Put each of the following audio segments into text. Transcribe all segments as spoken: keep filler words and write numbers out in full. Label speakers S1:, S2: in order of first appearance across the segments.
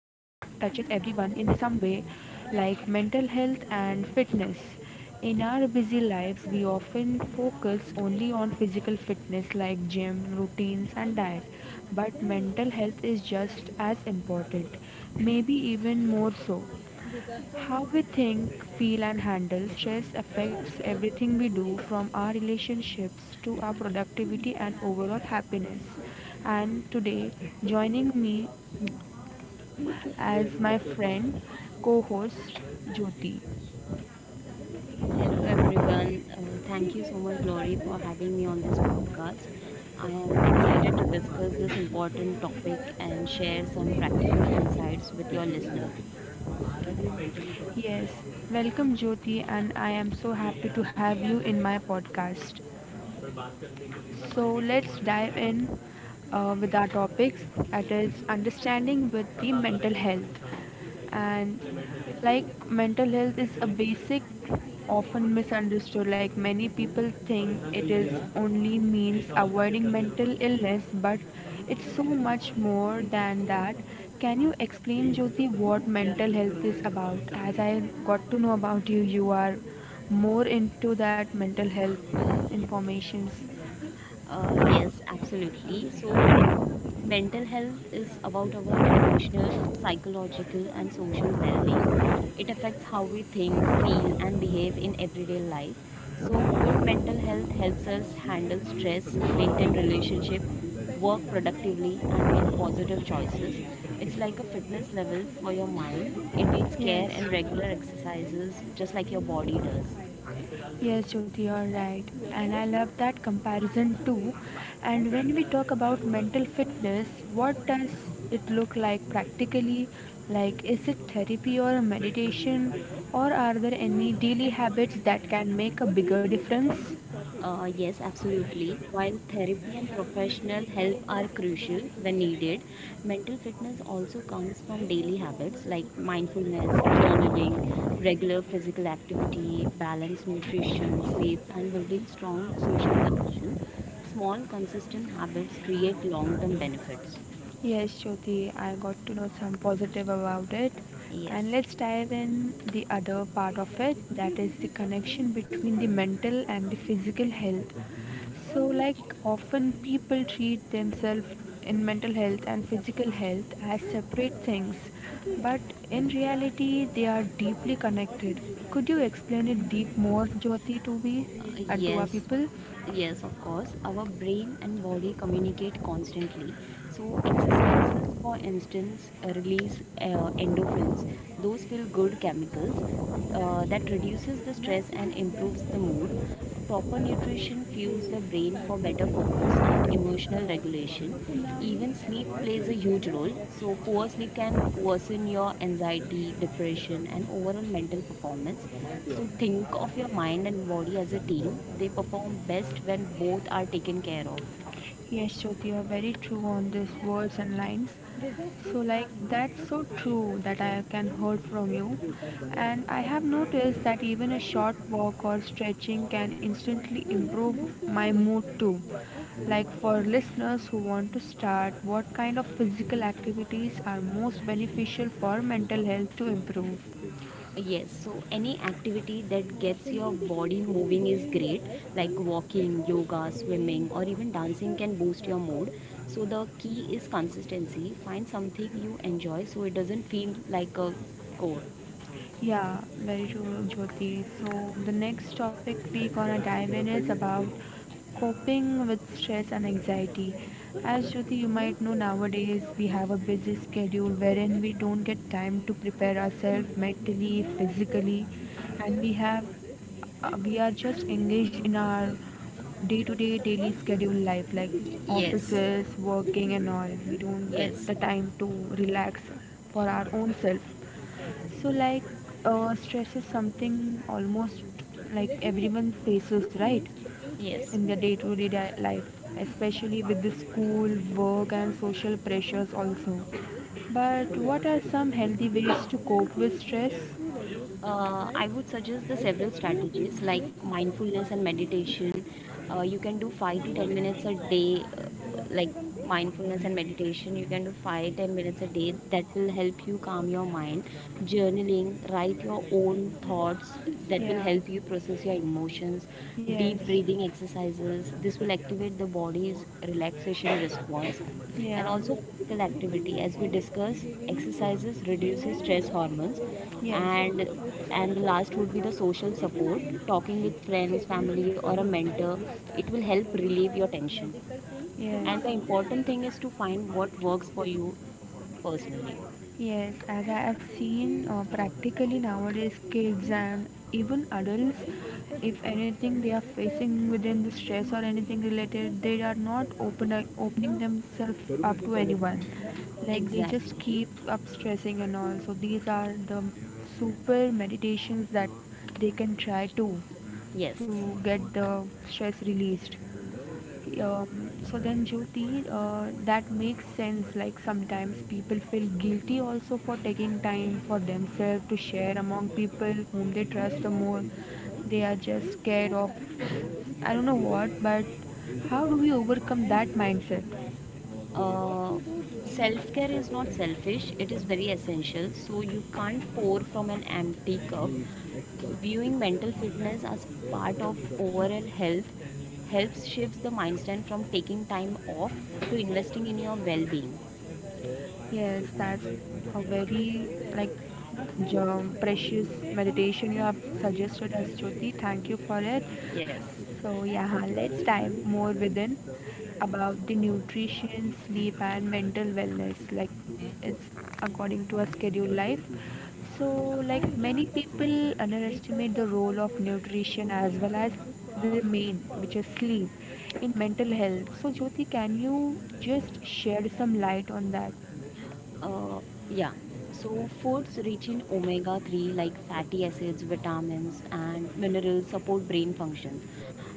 S1: touches everyone in some way, like mental health and fitness. In our busy lives, we often focus only on physical fitness like gym, routines, and diet. But mental health is just as important, maybe even more so. How we think, feel, and handle stress affects everything we do from our relationships to our productivity and overall happiness. And today, joining me as my friend, co host Jyoti.
S2: Hello everyone. Uh, thank you so much, Glory, for having me on this podcast. I am excited to discuss this important topic and share some practical insights with your listener.
S1: Yes, welcome Jyoti, and I am so happy to have you in my podcast. So let's dive in uh, with our topics that is understanding with the mental health. And like mental health is a basic often misunderstood, like many people think it is only means avoiding mental illness, but it's so much more than that. Can you explain, josie, what mental health is about? As I got to know about you, you are more into that mental health informations.
S2: Uh, yes, absolutely. So, mental health is about our emotional, psychological, and social well being. It affects how we think, feel, and behave in everyday life. So, good mental health helps us handle stress, maintain relationship, work productively, and make positive choices. It's like a fitness level for your mind. It needs care
S1: Yes,
S2: and regular exercises, just like your body does.
S1: yes, Jyoti, you're right. And I love that comparison too. And when we talk about mental fitness, what does it look like practically? Like, is it therapy or a meditation? Or are there any daily habits that can make a bigger difference?
S2: Uh, yes, absolutely. While therapy and professional help are crucial when needed, mental fitness also comes from daily habits like mindfulness, journaling, regular physical activity, balanced nutrition, sleep, and building strong social connection. Small, consistent habits create long term benefits.
S1: Yes, Jyoti, I got to know some positive about it. And
S2: Yes.
S1: let's dive in the other part of it, that is the connection between the mental and the physical health. So, like, often people treat themselves in mental health and physical health as separate things, but in reality, they are deeply connected. Could you explain it deep more, Jyoti, to
S2: Uh,
S1: me and to our
S2: yes
S1: people?
S2: yes of course, our brain and body communicate constantly. So exercises, for instance, uh, release uh, endorphins, those feel good chemicals, uh, that reduces the stress and improves the mood. Proper nutrition fuels the brain for better focus and emotional regulation. Even sleep plays a huge role. So, poor sleep can worsen your anxiety, depression, and overall mental performance. So, think of your mind and body as a team. They perform best when both are taken care of.
S1: Yes, Jyoti, you're very true on these words and lines. So, like, that's so true that I can heard from you. And I have noticed that even a short walk or stretching can instantly improve my mood too. Like, for listeners who want to start, what kind of physical activities are most beneficial for mental health to improve?
S2: Yes, so any activity that gets your body moving is great, like walking, yoga, swimming, or even dancing can boost your mood. So the key is consistency. Find something you enjoy so it doesn't feel like a chore.
S1: Yeah, very true, Jyoti. So the next topic we gonna dive in is about coping with stress and anxiety. As Jyoti, you might know, nowadays we have a busy schedule wherein we don't get time to prepare ourselves mentally, physically, and we have uh, we are just engaged in our day-to-day daily schedule life, like
S2: Yes,
S1: offices working and all. We don't get
S2: yes.
S1: the time to relax for our own self. So, like, uh, stress is something almost like everyone faces, right,
S2: Yes.
S1: in their day to day life, especially with the school, work, and
S2: and
S1: social pressures, also. But what are some healthy ways to cope with stress?
S2: uh, I would suggest the several strategies like mindfulness and meditation. Uh, you can do five to ten minutes a day, uh, like mindfulness and meditation. You can do five ten minutes a day. That will help you calm your mind. Journaling, write your own thoughts. That will help
S1: Yeah,
S2: help you process your emotions.
S1: yes,
S2: Deep breathing exercises. This will activate the body's relaxation response, and
S1: yeah,
S2: also physical activity. As we discussed, exercises reduces stress hormones,
S1: yes,
S2: and and the last would be the social support, talking with friends, family, or a mentor. It will help relieve your tension,
S1: yes.
S2: and the important thing is to find what works for you personally.
S1: Yes, as I have seen uh, practically nowadays, kids and even adults, if anything they are facing within the stress or anything related, they are not open, like, opening themselves up to anyone. Like they
S2: Exactly.
S1: just keep up stressing and all. So these are the super meditations that they can try to
S2: Yes.
S1: to get the stress released. Um, so then, Jyoti, uh, that makes sense. Like sometimes people feel guilty also for taking time for themselves to share among people whom they trust the more. They are just scared of, I don't know what, but how do we overcome that mindset?
S2: What Uh, to do during Self care is not disaster? Selfish, it is very essential. So, you can't pour from an empty cup. Viewing mental fitness as part of overall health helps shifts the mindset from taking time off to investing in your well being.
S1: Yes, that's a very, like, jo- precious meditation you have suggested us, Jyoti. Thank you for it.
S2: Yes.
S1: So yeah, let's dive more within about the nutrition, sleep, and mental wellness. Like it's according to a scheduled life. So like many people underestimate the role of nutrition as well as the main, which is sleep, in mental health. So Jyoti, can you just shed some light on that?
S2: Uh, yeah. So foods rich in omega three like fatty acids, vitamins, and minerals support brain function.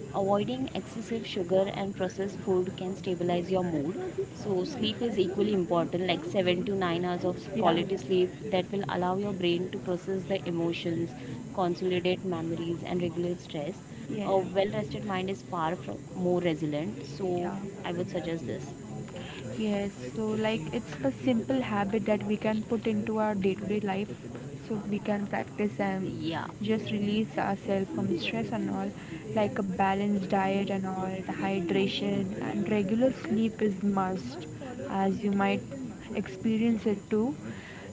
S2: Avoiding excessive sugar and processed food can stabilize your mood. So sleep is equally important, like seven to nine hours of
S1: Yeah,
S2: quality sleep that will allow your brain to process the emotions, consolidate memories, and regulate stress. A
S1: yeah,
S2: well-rested mind is far from more resilient. So
S1: yeah,
S2: I would suggest this.
S1: yes. So, like, it's the simple habit that we can put into our day to day life so we can practice and
S2: Yeah.
S1: just release ourselves from the stress and all. Like, a balanced diet and all, the hydration and regular sleep is must, as you might experience it too,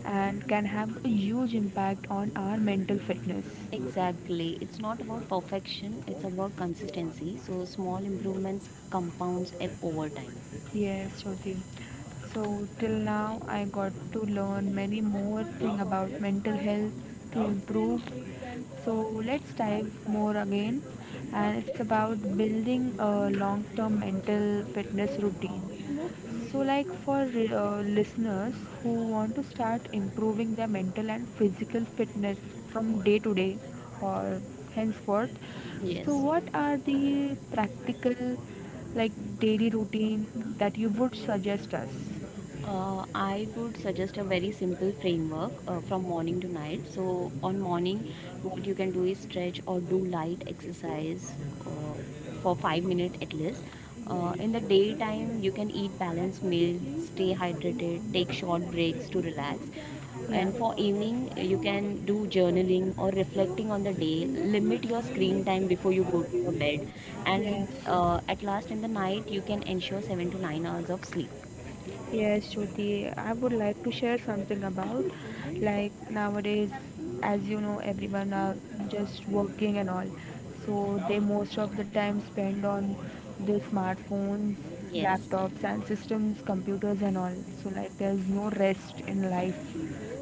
S1: and can have a huge impact on our mental fitness.
S2: Exactly. It's not about perfection, it's about consistency. So small improvements compounds e- over time.
S1: Yes, Jyoti. So till now I got to learn many more thing about mental health to improve. So let's dive more again, and it's about building a long-term mental fitness routine. So, like for uh, listeners who want to start improving their mental and physical fitness from day to day or henceforth, so
S2: Yes.
S1: what are the practical, like, daily routine that you would suggest us?
S2: Uh, I would suggest a very simple framework uh, from morning to night. So, on morning, what you can do is stretch or do light exercise uh, for five minutes at least. Uh, in the daytime, you can eat balanced meal, stay hydrated, take short breaks to relax.
S1: Yeah.
S2: And for evening, you can do journaling or reflecting on the day. Limit your screen time before you go to your bed.
S1: Yes.
S2: And uh, at last, in the night, you can ensure seven to nine hours of sleep.
S1: Yes, Jyoti, I would like to share something about, like, nowadays, as you know, everyone are just working and all. So they most of the time spend on their smartphones,
S2: Yes.
S1: laptops and systems, computers and all. So like there's no rest in life.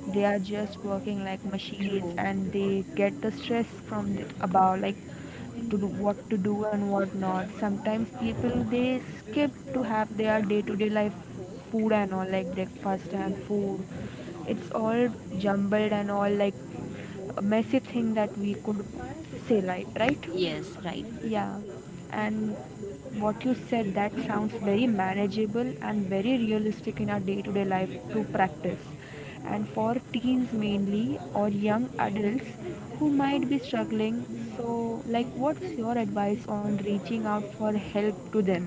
S1: They are just working like machines,
S2: True.
S1: and they get the stress from the, about, like, to do what to do and what not. Sometimes people they skip to have their day to day life food and all, like breakfast and food, it's all jumbled and all, like a messy thing that we could say, like, right?
S2: Yes, right.
S1: Yeah, and what you said, that sounds very manageable and very realistic in our day-to-day life to practice. And for teens mainly or young adults who might be struggling, so like, what's your advice on reaching out for help to them?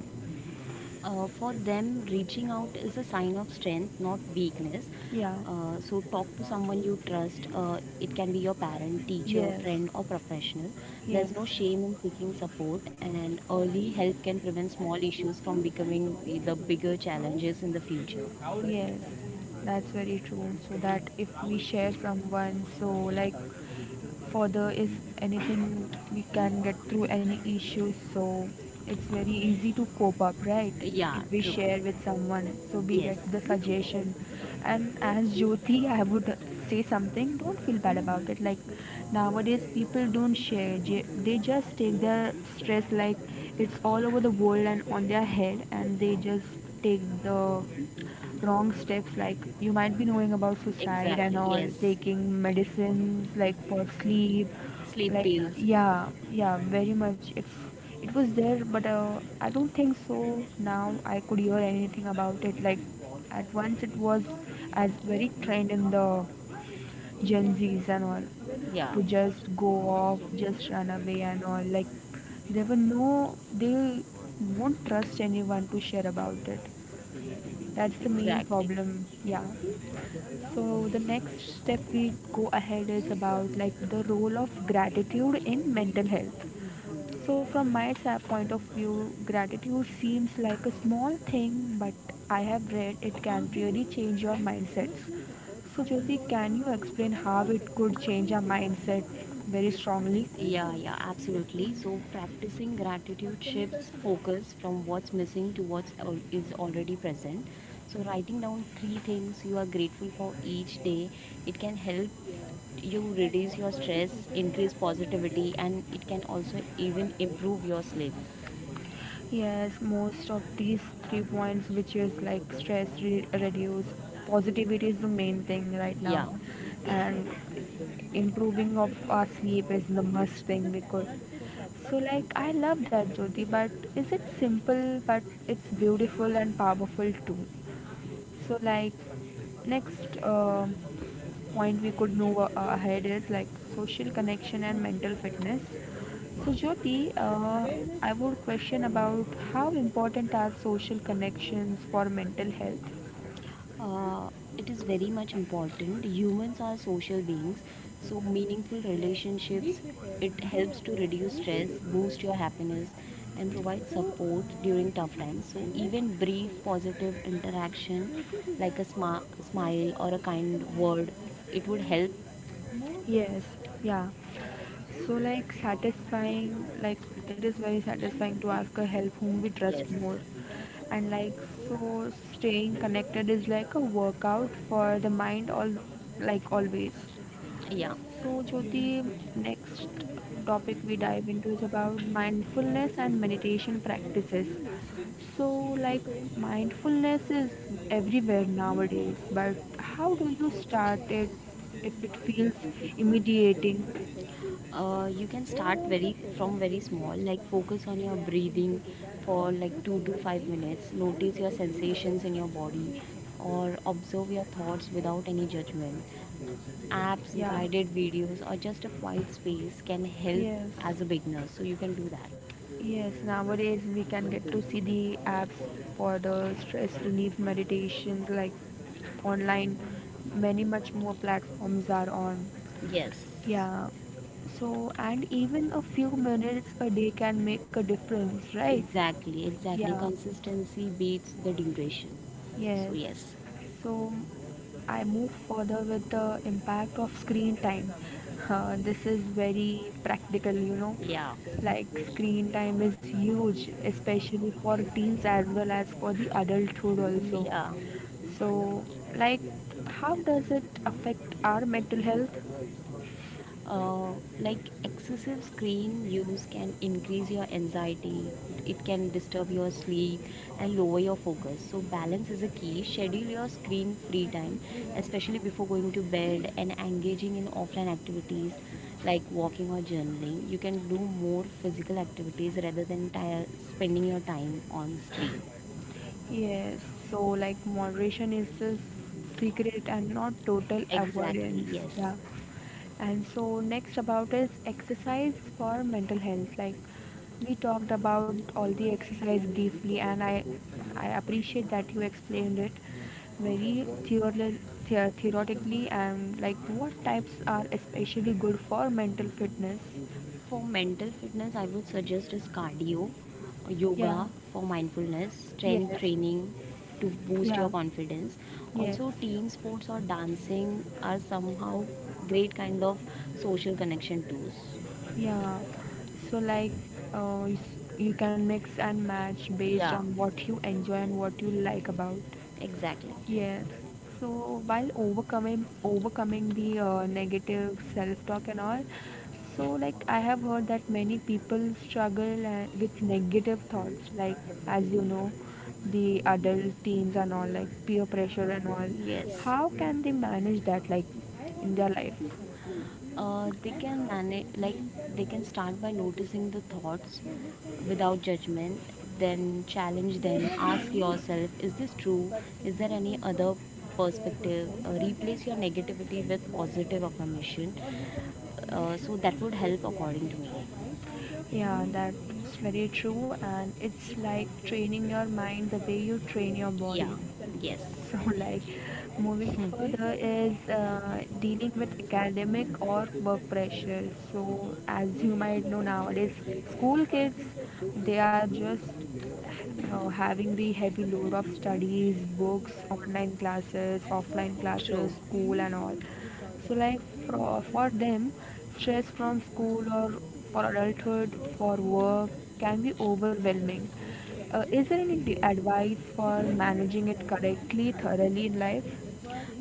S2: Uh, for them, reaching out is a sign of strength, not weakness.
S1: Yeah,
S2: Uh, so, talk to someone you trust. Uh, it can be your parent, teacher,
S1: yes,
S2: friend, or professional. There's
S1: yes,
S2: no shame in seeking support, and early help can prevent small issues from becoming the the bigger challenges in the future.
S1: yes. That's very true. So that if we share someone, so like further is anything we can get through any issues, so it's very easy to cope up, right?
S2: Yeah,
S1: If we
S2: true.
S1: share with someone, so we
S2: Yes,
S1: get the suggestion. And as Jyoti, I would say something, don't feel bad about it. Like nowadays people don't share, j- they just take their stress, like it's all over the world and on their head, and they just take the wrong steps. Like you might be knowing about suicide and
S2: exactly.
S1: all,
S2: Yes.
S1: taking medicines like for sleep,
S2: Sleep
S1: like,
S2: pills.
S1: yeah, yeah, very much. It's, it was there, but uh, I don't think so now I could hear anything about it. Like at once it was as very trend in the gen z's and all,
S2: Yeah,
S1: to just go off, just run away and all. Like they were, no, they won't trust anyone to share about it. That's the
S2: and
S1: main
S2: exactly.
S1: problem. Yeah. So the next step we go ahead is about like the role of gratitude in mental health. So from my sa- point of view, gratitude seems like a small thing, but I have read it can really change your mindsets. So Jyoti, can you explain how it could change our mindset very
S2: Ye-
S1: strongly?
S2: Yeah, yeah, absolutely. So practicing What gratitude shifts focus from what's missing to what is already present. So writing down three things you are grateful for each day, it can help. Yes. you And reduce your often stress, increase positivity, and it can also even improve your sleep.
S1: Yes, most of these three points, which is like stress re- reduce, positivity is the main thing right now,
S2: Yeah.
S1: and improving of our sleep is the must thing we could. So like I love that, Jyoti, but is it simple, but it's beautiful and powerful too. So, like, next uh, point we could move uh, ahead is like social connection and mental fitness. So, Jyoti, uh, I would question about, how important are social connections for mental health?
S2: Uh, it is very much important. Humans are social beings, so meaningful relationships. It helps to reduce stress, boost your happiness, and provide support during tough times. So even brief positive interaction, like a sma- smile or a kind word, it would help.
S1: Yes, yeah. So, like, satisfying, like, it is very satisfying to ask a help whom we trust
S2: Yes.
S1: more. And, like, so staying connected is like a workout for the mind, all, like, always.
S2: Yeah.
S1: So, Jyoti, next topic we dive into is about mindfulness and meditation practices. So, like, mindfulness is everywhere nowadays, but how do you start it if it feels immediating?
S2: Uh, you can start very from very small, like focus on your breathing for like two to five minutes, notice your sensations in your body, or observe your thoughts without any judgment. Apps,
S1: Yeah,
S2: guided videos, or just a quiet space can help
S1: yes,
S2: as a beginner, so you can do that.
S1: yes, nowadays we can get to see the apps for the stress relief meditations, like online, many much more platforms are on.
S2: Yes.
S1: Yeah. So, and even a few minutes a day can make a difference, right?
S2: Exactly exactly,
S1: Yeah.
S2: consistency beats the duration, so
S1: Yes.
S2: yes.
S1: So, I move further with the impact of screen time. Uh, this is very practical, you know.
S2: Yeah.
S1: Like, screen time is huge, especially for teens as well as for the adulthood, also.
S2: Yeah.
S1: So, like, how does it affect our mental health?
S2: Uh, like excessive screen use can increase your anxiety, it can disturb your sleep and lower your focus. So, balance is a key. Schedule your screen free time, especially before going to bed, and engaging in offline activities like walking or journaling. You can do more physical activities rather than ti spending your time on screen.
S1: Yes, so like moderation is the s- secret and not total
S2: Exactly,
S1: avoidance. Yeah.
S2: yes.
S1: And so next about is exercise for mental health. Like we talked about all the exercise briefly, and I I appreciate that you explained it very theorel- the- theoretically, and like what types are especially good for mental fitness.
S2: For mental fitness, I would suggest is cardio,
S1: Yeah.
S2: yoga for mindfulness, strength
S1: Yes.
S2: training to boost your
S1: Yeah.
S2: confidence.
S1: Yes.
S2: Also, team sports or dancing are somehow great kind of social connection tools.
S1: Yeah. So like uh, you s- you can mix and match based
S2: Yeah,
S1: on what you enjoy and what you like about.
S2: exactly.
S1: Yes. So while overcoming overcoming the uh, negative self-talk and all, so like I have heard that many people struggle uh, with negative thoughts, like, as you know, the adult teens and all, like peer pressure and all.
S2: Yes. Yes.
S1: How can they manage that, like in their life?
S2: uh, they can manage like they can start by noticing the thoughts without judgment, then challenge them. Ask yourself, is this true? Is there any other perspective? Uh, replace your negativity with positive affirmation. Uh, so that would help according to me.
S1: Yeah, that's very true, and it's like training your mind the way you train your body. So, like, moving
S2: Hmm.
S1: further is uh, dealing with academic or work pressure. So, as you might know, nowadays school kids, they are just uh, having the heavy load of studies, books, online classes, offline classes,
S2: True.
S1: school, and all. So, like for, for them, stress from school or for adulthood, for work can be overwhelming. Uh, is there any d- advice for managing it correctly, thoroughly in life?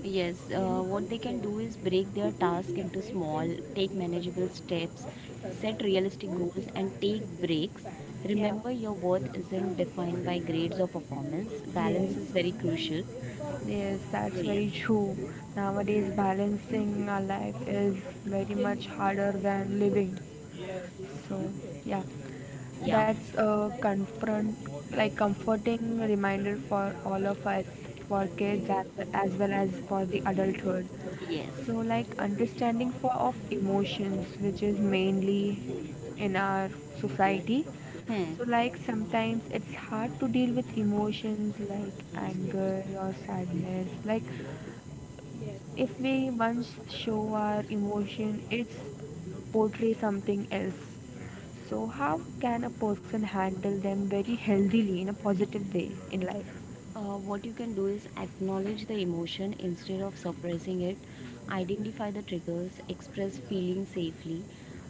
S2: Yes, uh, what they can do is break their task into small, take manageable steps, set realistic goals, and take breaks.
S1: Yeah.
S2: Remember, your worth isn't defined by grades or performance.
S1: Yes.
S2: Balance is very crucial.
S1: Yes, that's
S2: So, yes,
S1: very true. Nowadays, balancing our life is very much harder than living. So, yeah.
S2: yeah,
S1: That's a confront, like comforting reminder for all of us, for kids as, as well as for the adulthood.
S2: yes.
S1: So, like understanding for of emotions, which is mainly in our society.
S2: Hmm.
S1: So, like sometimes it's hard to deal with emotions like anger or sadness. Like if we once show our emotion, it's portray something else. So, how can a person handle them very healthily in a positive way in life?
S2: Uh, what you can do is acknowledge the emotion instead of suppressing it, identify the triggers, express feeling safely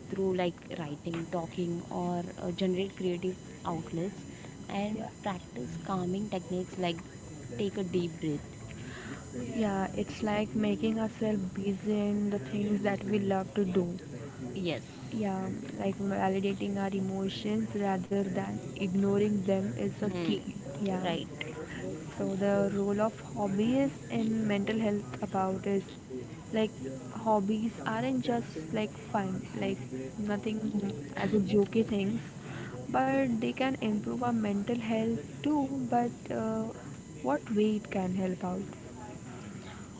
S2: through like writing, talking, or uh, generate creative outlets, and
S1: Yeah,
S2: practice calming techniques like take a deep breath.
S1: yeah, it's like making ourselves busy in the things that we love to do.
S2: Yes
S1: Yeah, like validating our emotions rather than ignoring them is a
S2: hmm.
S1: key. Yeah.
S2: Right.
S1: So the role of hobbies in mental health about is like hobbies aren't just like fun, like nothing as a jokey things, but they can improve our mental health too. But uh, what way it can help out?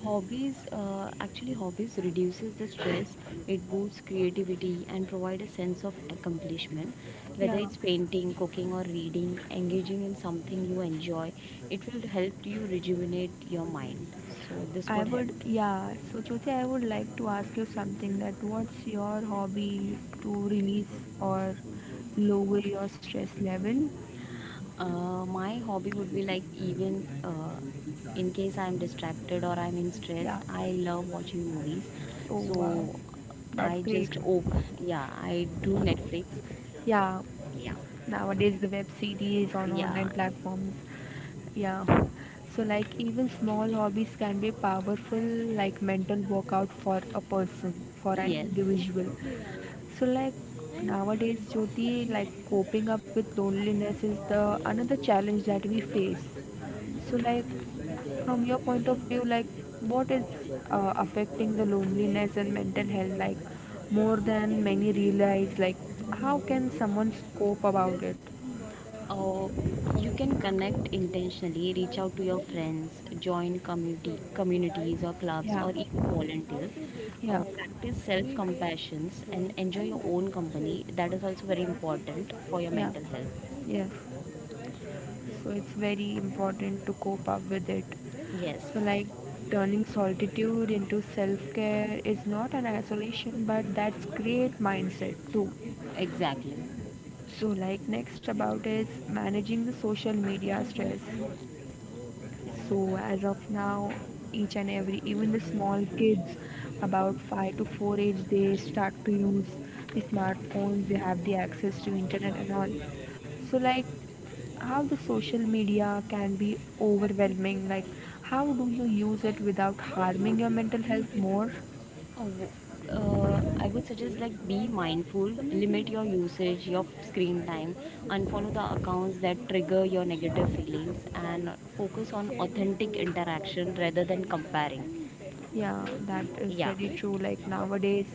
S2: Hobbies, uh, actually hobbies reduces the stress, it boosts creativity and provide a sense of accomplishment. Whether
S1: Yeah,
S2: it's painting, cooking, or reading, engaging in something you enjoy, it will help you rejuvenate your mind. So this
S1: I
S2: would help.
S1: would. Yeah, so Jyoti, I would like to ask you something. That what's your hobby to release or lower your stress level?
S2: Uh, my hobby would be like, even uh, in case I'm distracted or I'm in stress,
S1: Yeah.
S2: I love watching movies.
S1: Oh wow,
S2: So
S1: that's
S2: I
S1: great.
S2: just op yeah, I do Netflix.
S1: Yeah.
S2: Yeah.
S1: Nowadays the web series on online
S2: Yeah.
S1: platforms. Yeah. So like even small hobbies can be powerful like mental workout for a person, for an
S2: Yes.
S1: individual. So like nowadays, Jyoti, like coping up with loneliness is the another challenge that we face. So like from your point of view, like what is uh, affecting the loneliness and mental health like more than many realize? Like how can someone cope about it?
S2: Oh, you can connect intentionally, reach out to your friends, join community communities or clubs,
S1: Yeah,
S2: or even volunteer.
S1: yeah,
S2: Uh, practice self compassions and enjoy your own company. That is also very important for your
S1: yeah,
S2: mental health.
S1: yes. So it's very important to cope up with it.
S2: Yes,
S1: So, like turning solitude into self care is not an isolation, but that's great mindset too.
S2: exactly.
S1: So, like next about is managing the social media stress. So as of now, each and every, even the small kids, about five to four age, they start to use the smartphones. They have the access to internet and all. So like how the social media can be overwhelming. Like how do you use it without harming your mental health more?
S2: Oh, uh, I would suggest like be mindful, limit your usage, your screen time, unfollow the accounts that trigger your negative feelings, and focus on authentic interaction rather than comparing.
S1: Yeah, that is
S2: Yeah.
S1: very true. Like nowadays,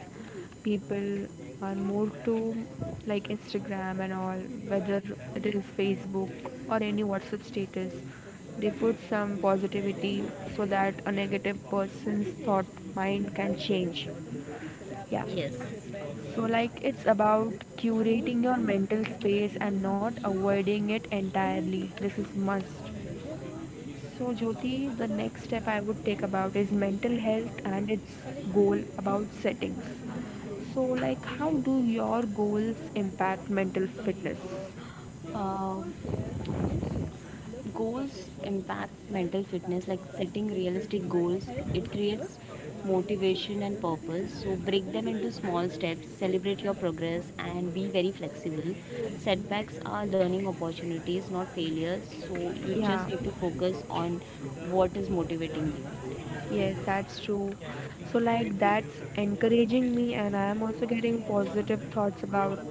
S1: people are more to like Instagram and all, whether it is Facebook or any WhatsApp status. They put some positivity so that a negative person's thought mind can change. Yeah.
S2: Yes.
S1: So, like, it's about curating your mental space and not avoiding it entirely. This is must. So, Jyoti, the next step I would take about is mental health and its goal about settings. So, like, how do your goals impact mental fitness?
S2: Uh, Goals impacts mental fitness. Like setting realistic goals, it creates motivation and purpose. So break them into small steps, celebrate your progress, and be very flexible. Setbacks are learning opportunities, not failures. So you just
S1: Yeah,
S2: need to focus on what is motivating you.
S1: yes, that's true. So, like, that's encouraging me, and I am also getting positive thoughts about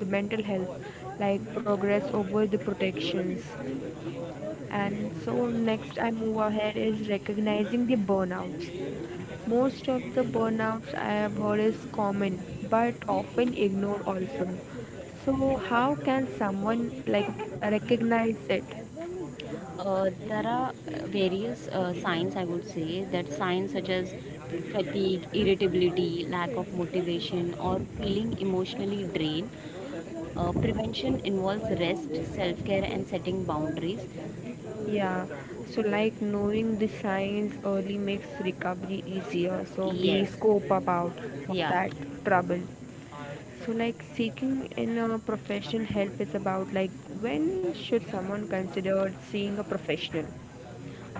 S1: the mental health, like progress over the protections. And so next I move ahead is recognizing the burnouts. Most of the burnouts I have heard is common but often ignored also. So how can someone like recognize it?
S2: Uh, there are uh, various uh, signs I would say, that signs such as fatigue, irritability, lack of motivation, or feeling emotionally drained. Uh, prevention involves rest, self care, and setting boundaries.
S1: Yeah. So like knowing the signs early makes recovery easier. So we
S2: Yes,
S1: scope up out of
S2: yeah.
S1: that trouble. So like seeking in a professional help is about like when should someone consider seeing a professional?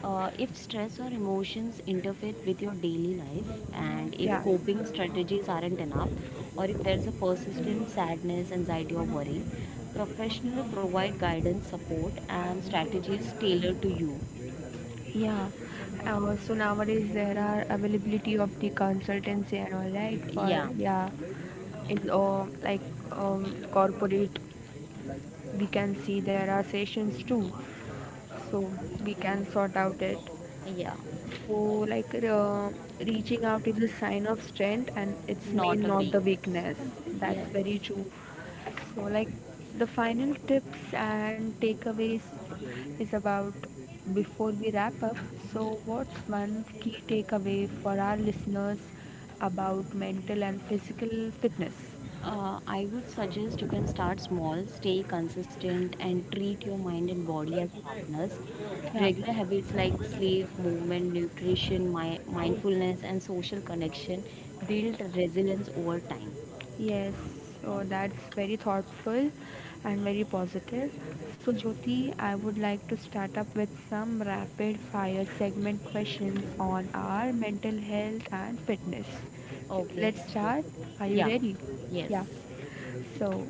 S2: Uh, if stress or emotions interfere with your daily life, and
S1: Yeah,
S2: if coping strategies aren't enough, or if there's a persistent sadness, anxiety, or worry, professionals provide guidance, support, and strategies tailored to you.
S1: yeah. Uh, so nowadays there are availability of the consultancy and all right for
S2: Yeah,
S1: yeah, in or like um corporate we can see there are sessions too, so we can sort out it.
S2: yeah,
S1: So, like uh, reaching out is a sign of strength and it's
S2: not
S1: mean
S2: a
S1: not the
S2: weakness.
S1: weakness. That's
S2: Yes.
S1: very true. So, like the final tips and takeaways is about before we wrap up. So, what's one key takeaway for our listeners about mental and physical fitness?
S2: Uh, I would suggest you can start small, stay consistent, and treat your mind and body as partners.
S1: Yeah.
S2: Regular habits like sleep, movement, nutrition, mi- mindfulness, and social connection build resilience over time.
S1: Yes, so that's very thoughtful and very positive. So, Jyoti, I would like to start up with some rapid fire segment questions on our mental health and fitness.
S2: Okay.
S1: Let's start. Are you
S2: Yeah.
S1: ready?
S2: Yes.
S1: Yeah. So,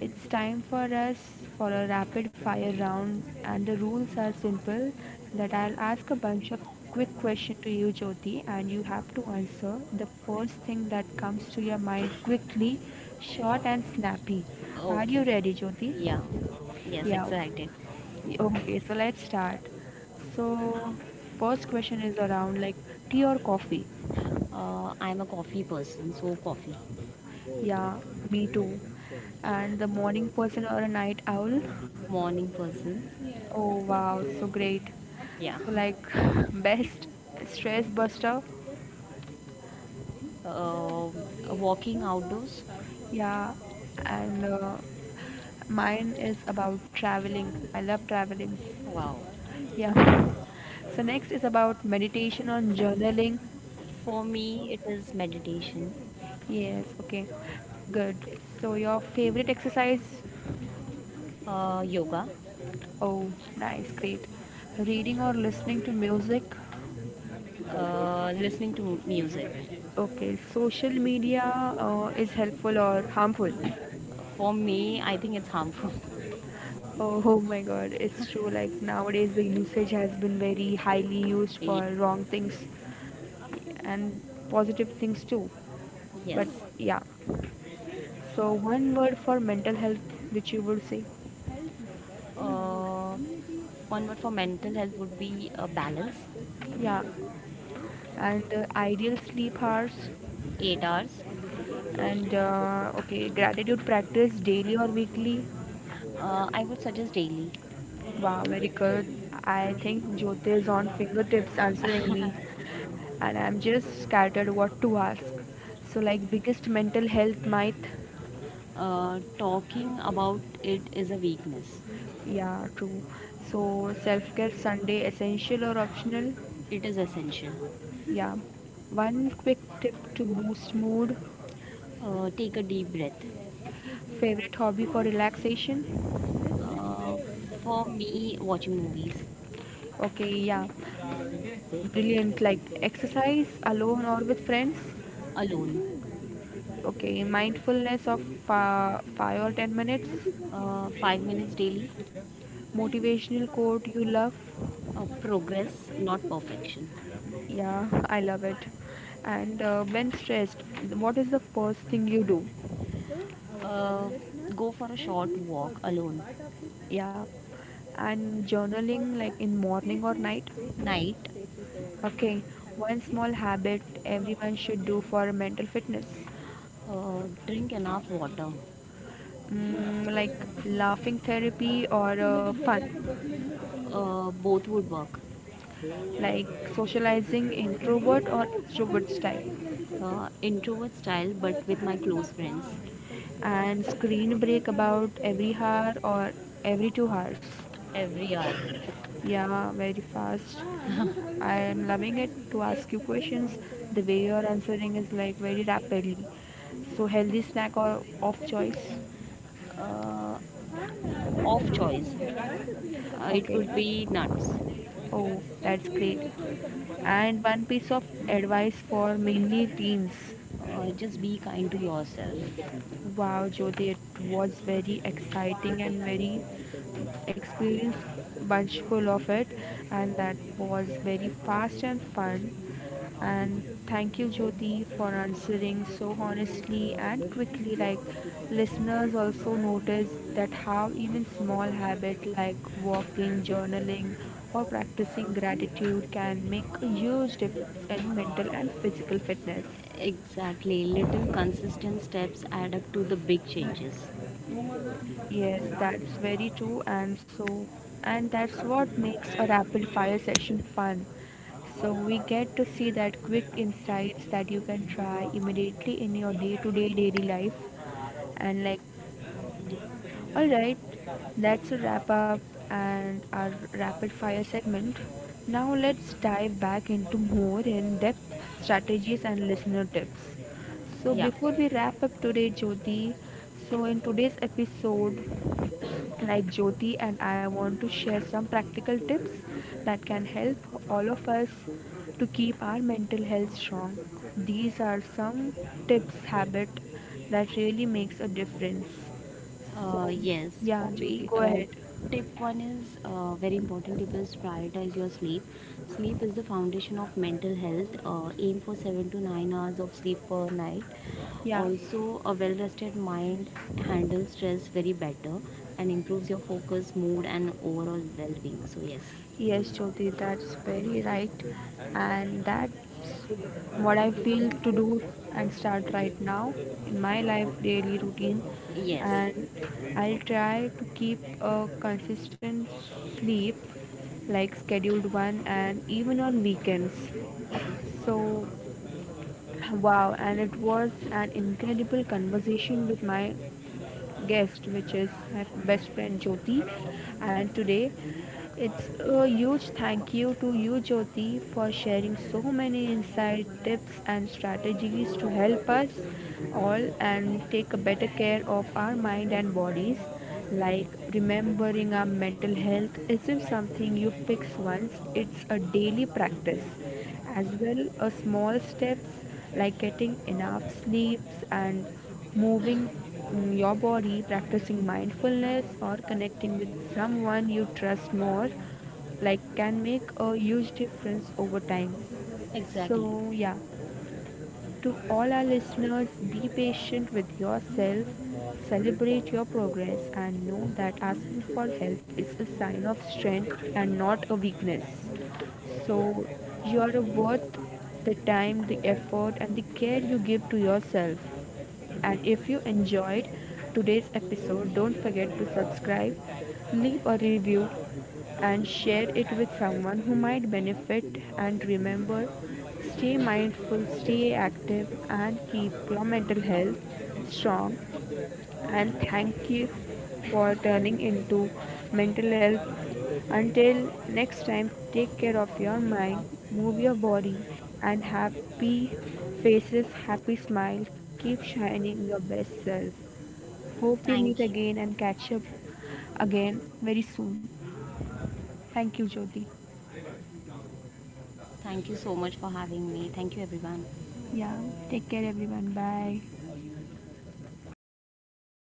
S1: it's time for us for a rapid fire round, and the rules are simple that I'll ask a bunch of quick questions to you, Jyoti, and you have to answer the first thing that comes to your mind quickly, short, and snappy. Are you
S2: Okay.
S1: ready, Jyoti?
S2: Yeah. Yes,
S1: Yeah,
S2: excited.
S1: okay, so let's start. So, first question is around like tea or coffee?
S2: Uh, I'm a coffee person, so coffee.
S1: Yeah, me too. And the morning person or a night owl?
S2: Morning person.
S1: Oh wow, so great.
S2: Yeah.
S1: So like best stress buster.
S2: uh, Walking outdoors.
S1: Yeah, and uh, mine is about traveling. I love traveling.
S2: Wow.
S1: Yeah. So next is about meditation on journaling.
S2: For me, it is meditation.
S1: Yes, okay. Good. So your favorite exercise?
S2: Uh, yoga.
S1: Oh, nice, great. Reading or listening to music?
S2: Uh, listening to mu- music.
S1: Okay, social media uh, is helpful or harmful?
S2: For me, I think it's harmful.
S1: Oh, oh my God, it's true. Like nowadays, the usage has been very highly used
S2: Ye-
S1: for wrong things and positive things too.
S2: yes.
S1: But yeah. So one word for mental health, which you would say,
S2: Uh, One word for mental health would be uh, balance.
S1: yeah, and uh, ideal sleep hours,
S2: Eight hours.
S1: and uh, okay, gratitude practice daily or weekly,
S2: Uh, I would suggest daily.
S1: wow, very good. I think Jyoti is on fingertips answering me, and I'm just scattered what to ask. So, like, biggest mental health myth?
S2: Uh, talking about it is a weakness.
S1: Yeah, true. So, self care Sunday essential or optional?
S2: It is essential.
S1: Yeah. One quick tip to boost mood.
S2: Uh, take a deep breath.
S1: Favorite hobby for relaxation?
S2: Uh, for me, watching movies.
S1: Okay, yeah. Brilliant. Like, exercise alone or with friends?
S2: Alone.
S1: Okay, mindfulness of uh, five or ten minutes
S2: Uh, five minutes daily.
S1: motivational quote you love?
S2: Uh, progress, not perfection.
S1: Yeah, I love it. And uh, when stressed, what is the first thing you do?
S2: Uh, Go for a short walk alone.
S1: Yeah, and journaling like in morning or night?
S2: Night.
S1: Okay, one small habit everyone should do for mental fitness.
S2: Uh, drink enough water.
S1: Mm, like laughing therapy or uh, fun,
S2: Uh, both would work.
S1: like socializing introvert or extrovert style,
S2: Uh, introvert style, but with my close friends.
S1: and screen break about every hour or every two hours.
S2: Every hour.
S1: Yeah, very fast. I am loving it to ask you questions. The way you're answering is like very rapidly. So healthy snack or off choice?
S2: Uh, Off choice. Uh, it
S1: Okay.
S2: would be nuts.
S1: Oh, that's great. And one piece of advice for mainly teens.
S2: Uh, just be kind to yourself.
S1: Wow, Jyoti, it was very exciting and very experienced bunch full of it, and that was very fast and fun. And thank you, Jyoti, for answering so honestly and quickly. Like listeners also notice that how even small habit like walking, journaling, or practicing gratitude can make a huge difference in mental and physical fitness.
S2: Exactly. Little consistent steps add up to the big changes.
S1: Yes, that's very true, and so, and that's what makes a rapid fire session fun. So, we get to see that quick insights that you can try immediately in your day to day daily life. And, like, alright, that's a wrap up and our rapid fire segment. Now, let's dive back into more in depth strategies and listener tips. So
S2: Yeah.
S1: before we wrap up today, Jyoti, so in today's episode, like Jyoti and I want to share some practical tips that can help all of us to keep our mental health strong. These are some tips habit that really makes a difference.
S2: Uh,
S1: So
S2: yes,
S1: yeah,
S2: for
S1: Jyoti,
S2: me,
S1: go
S2: uh,
S1: ahead.
S2: tip one is uh, very important tip is prioritize your sleep. Sleep is the foundation of mental health. Uh, aim for seven to nine hours of sleep per night.
S1: Yeah.
S2: Also, a well rested mind handles stress very better and improves your focus, mood, and overall well being. So, yes,
S1: Yes, Jyoti, that's very right. And that's what I feel to do and start right now in my life daily routine.
S2: yes,
S1: And I'll try to keep a consistent sleep, like scheduled one, and even on weekends. So, wow, and it was an incredible conversation with my guest, which is my best friend Jyoti. And today, it's a huge thank you to you, Jyoti, for sharing so many insight, tips, and strategies to help us all and take a better care of our mind and bodies. Like remembering our mental health isn't something you fix once, it's a daily practice. As well, a small steps like getting enough sleeps and moving mm, your body, practicing mindfulness, or connecting with someone you trust more, like can make a huge difference over time.
S2: exactly.
S1: So, yeah, to all our listeners, be patient with yourself, celebrate your progress, and know that asking for help is a sign of strength and not a weakness. So, you are worth the time, the effort, and the care you give to yourself. And if you enjoyed today's episode, don't forget to subscribe, leave a review, and share it with someone who might benefit. And remember, stay mindful, stay active, and keep your mental health strong and thank you for turning into mental health. Until next time, take care of your mind, move your body, and happy faces, happy smiles. Keep shining your best self. Hope we meet
S2: Thank you.
S1: again and catch up again very soon. Thank you, Jyoti.
S2: Thank you so much for having me. Thank you, everyone.
S1: Yeah, take care, everyone. Bye.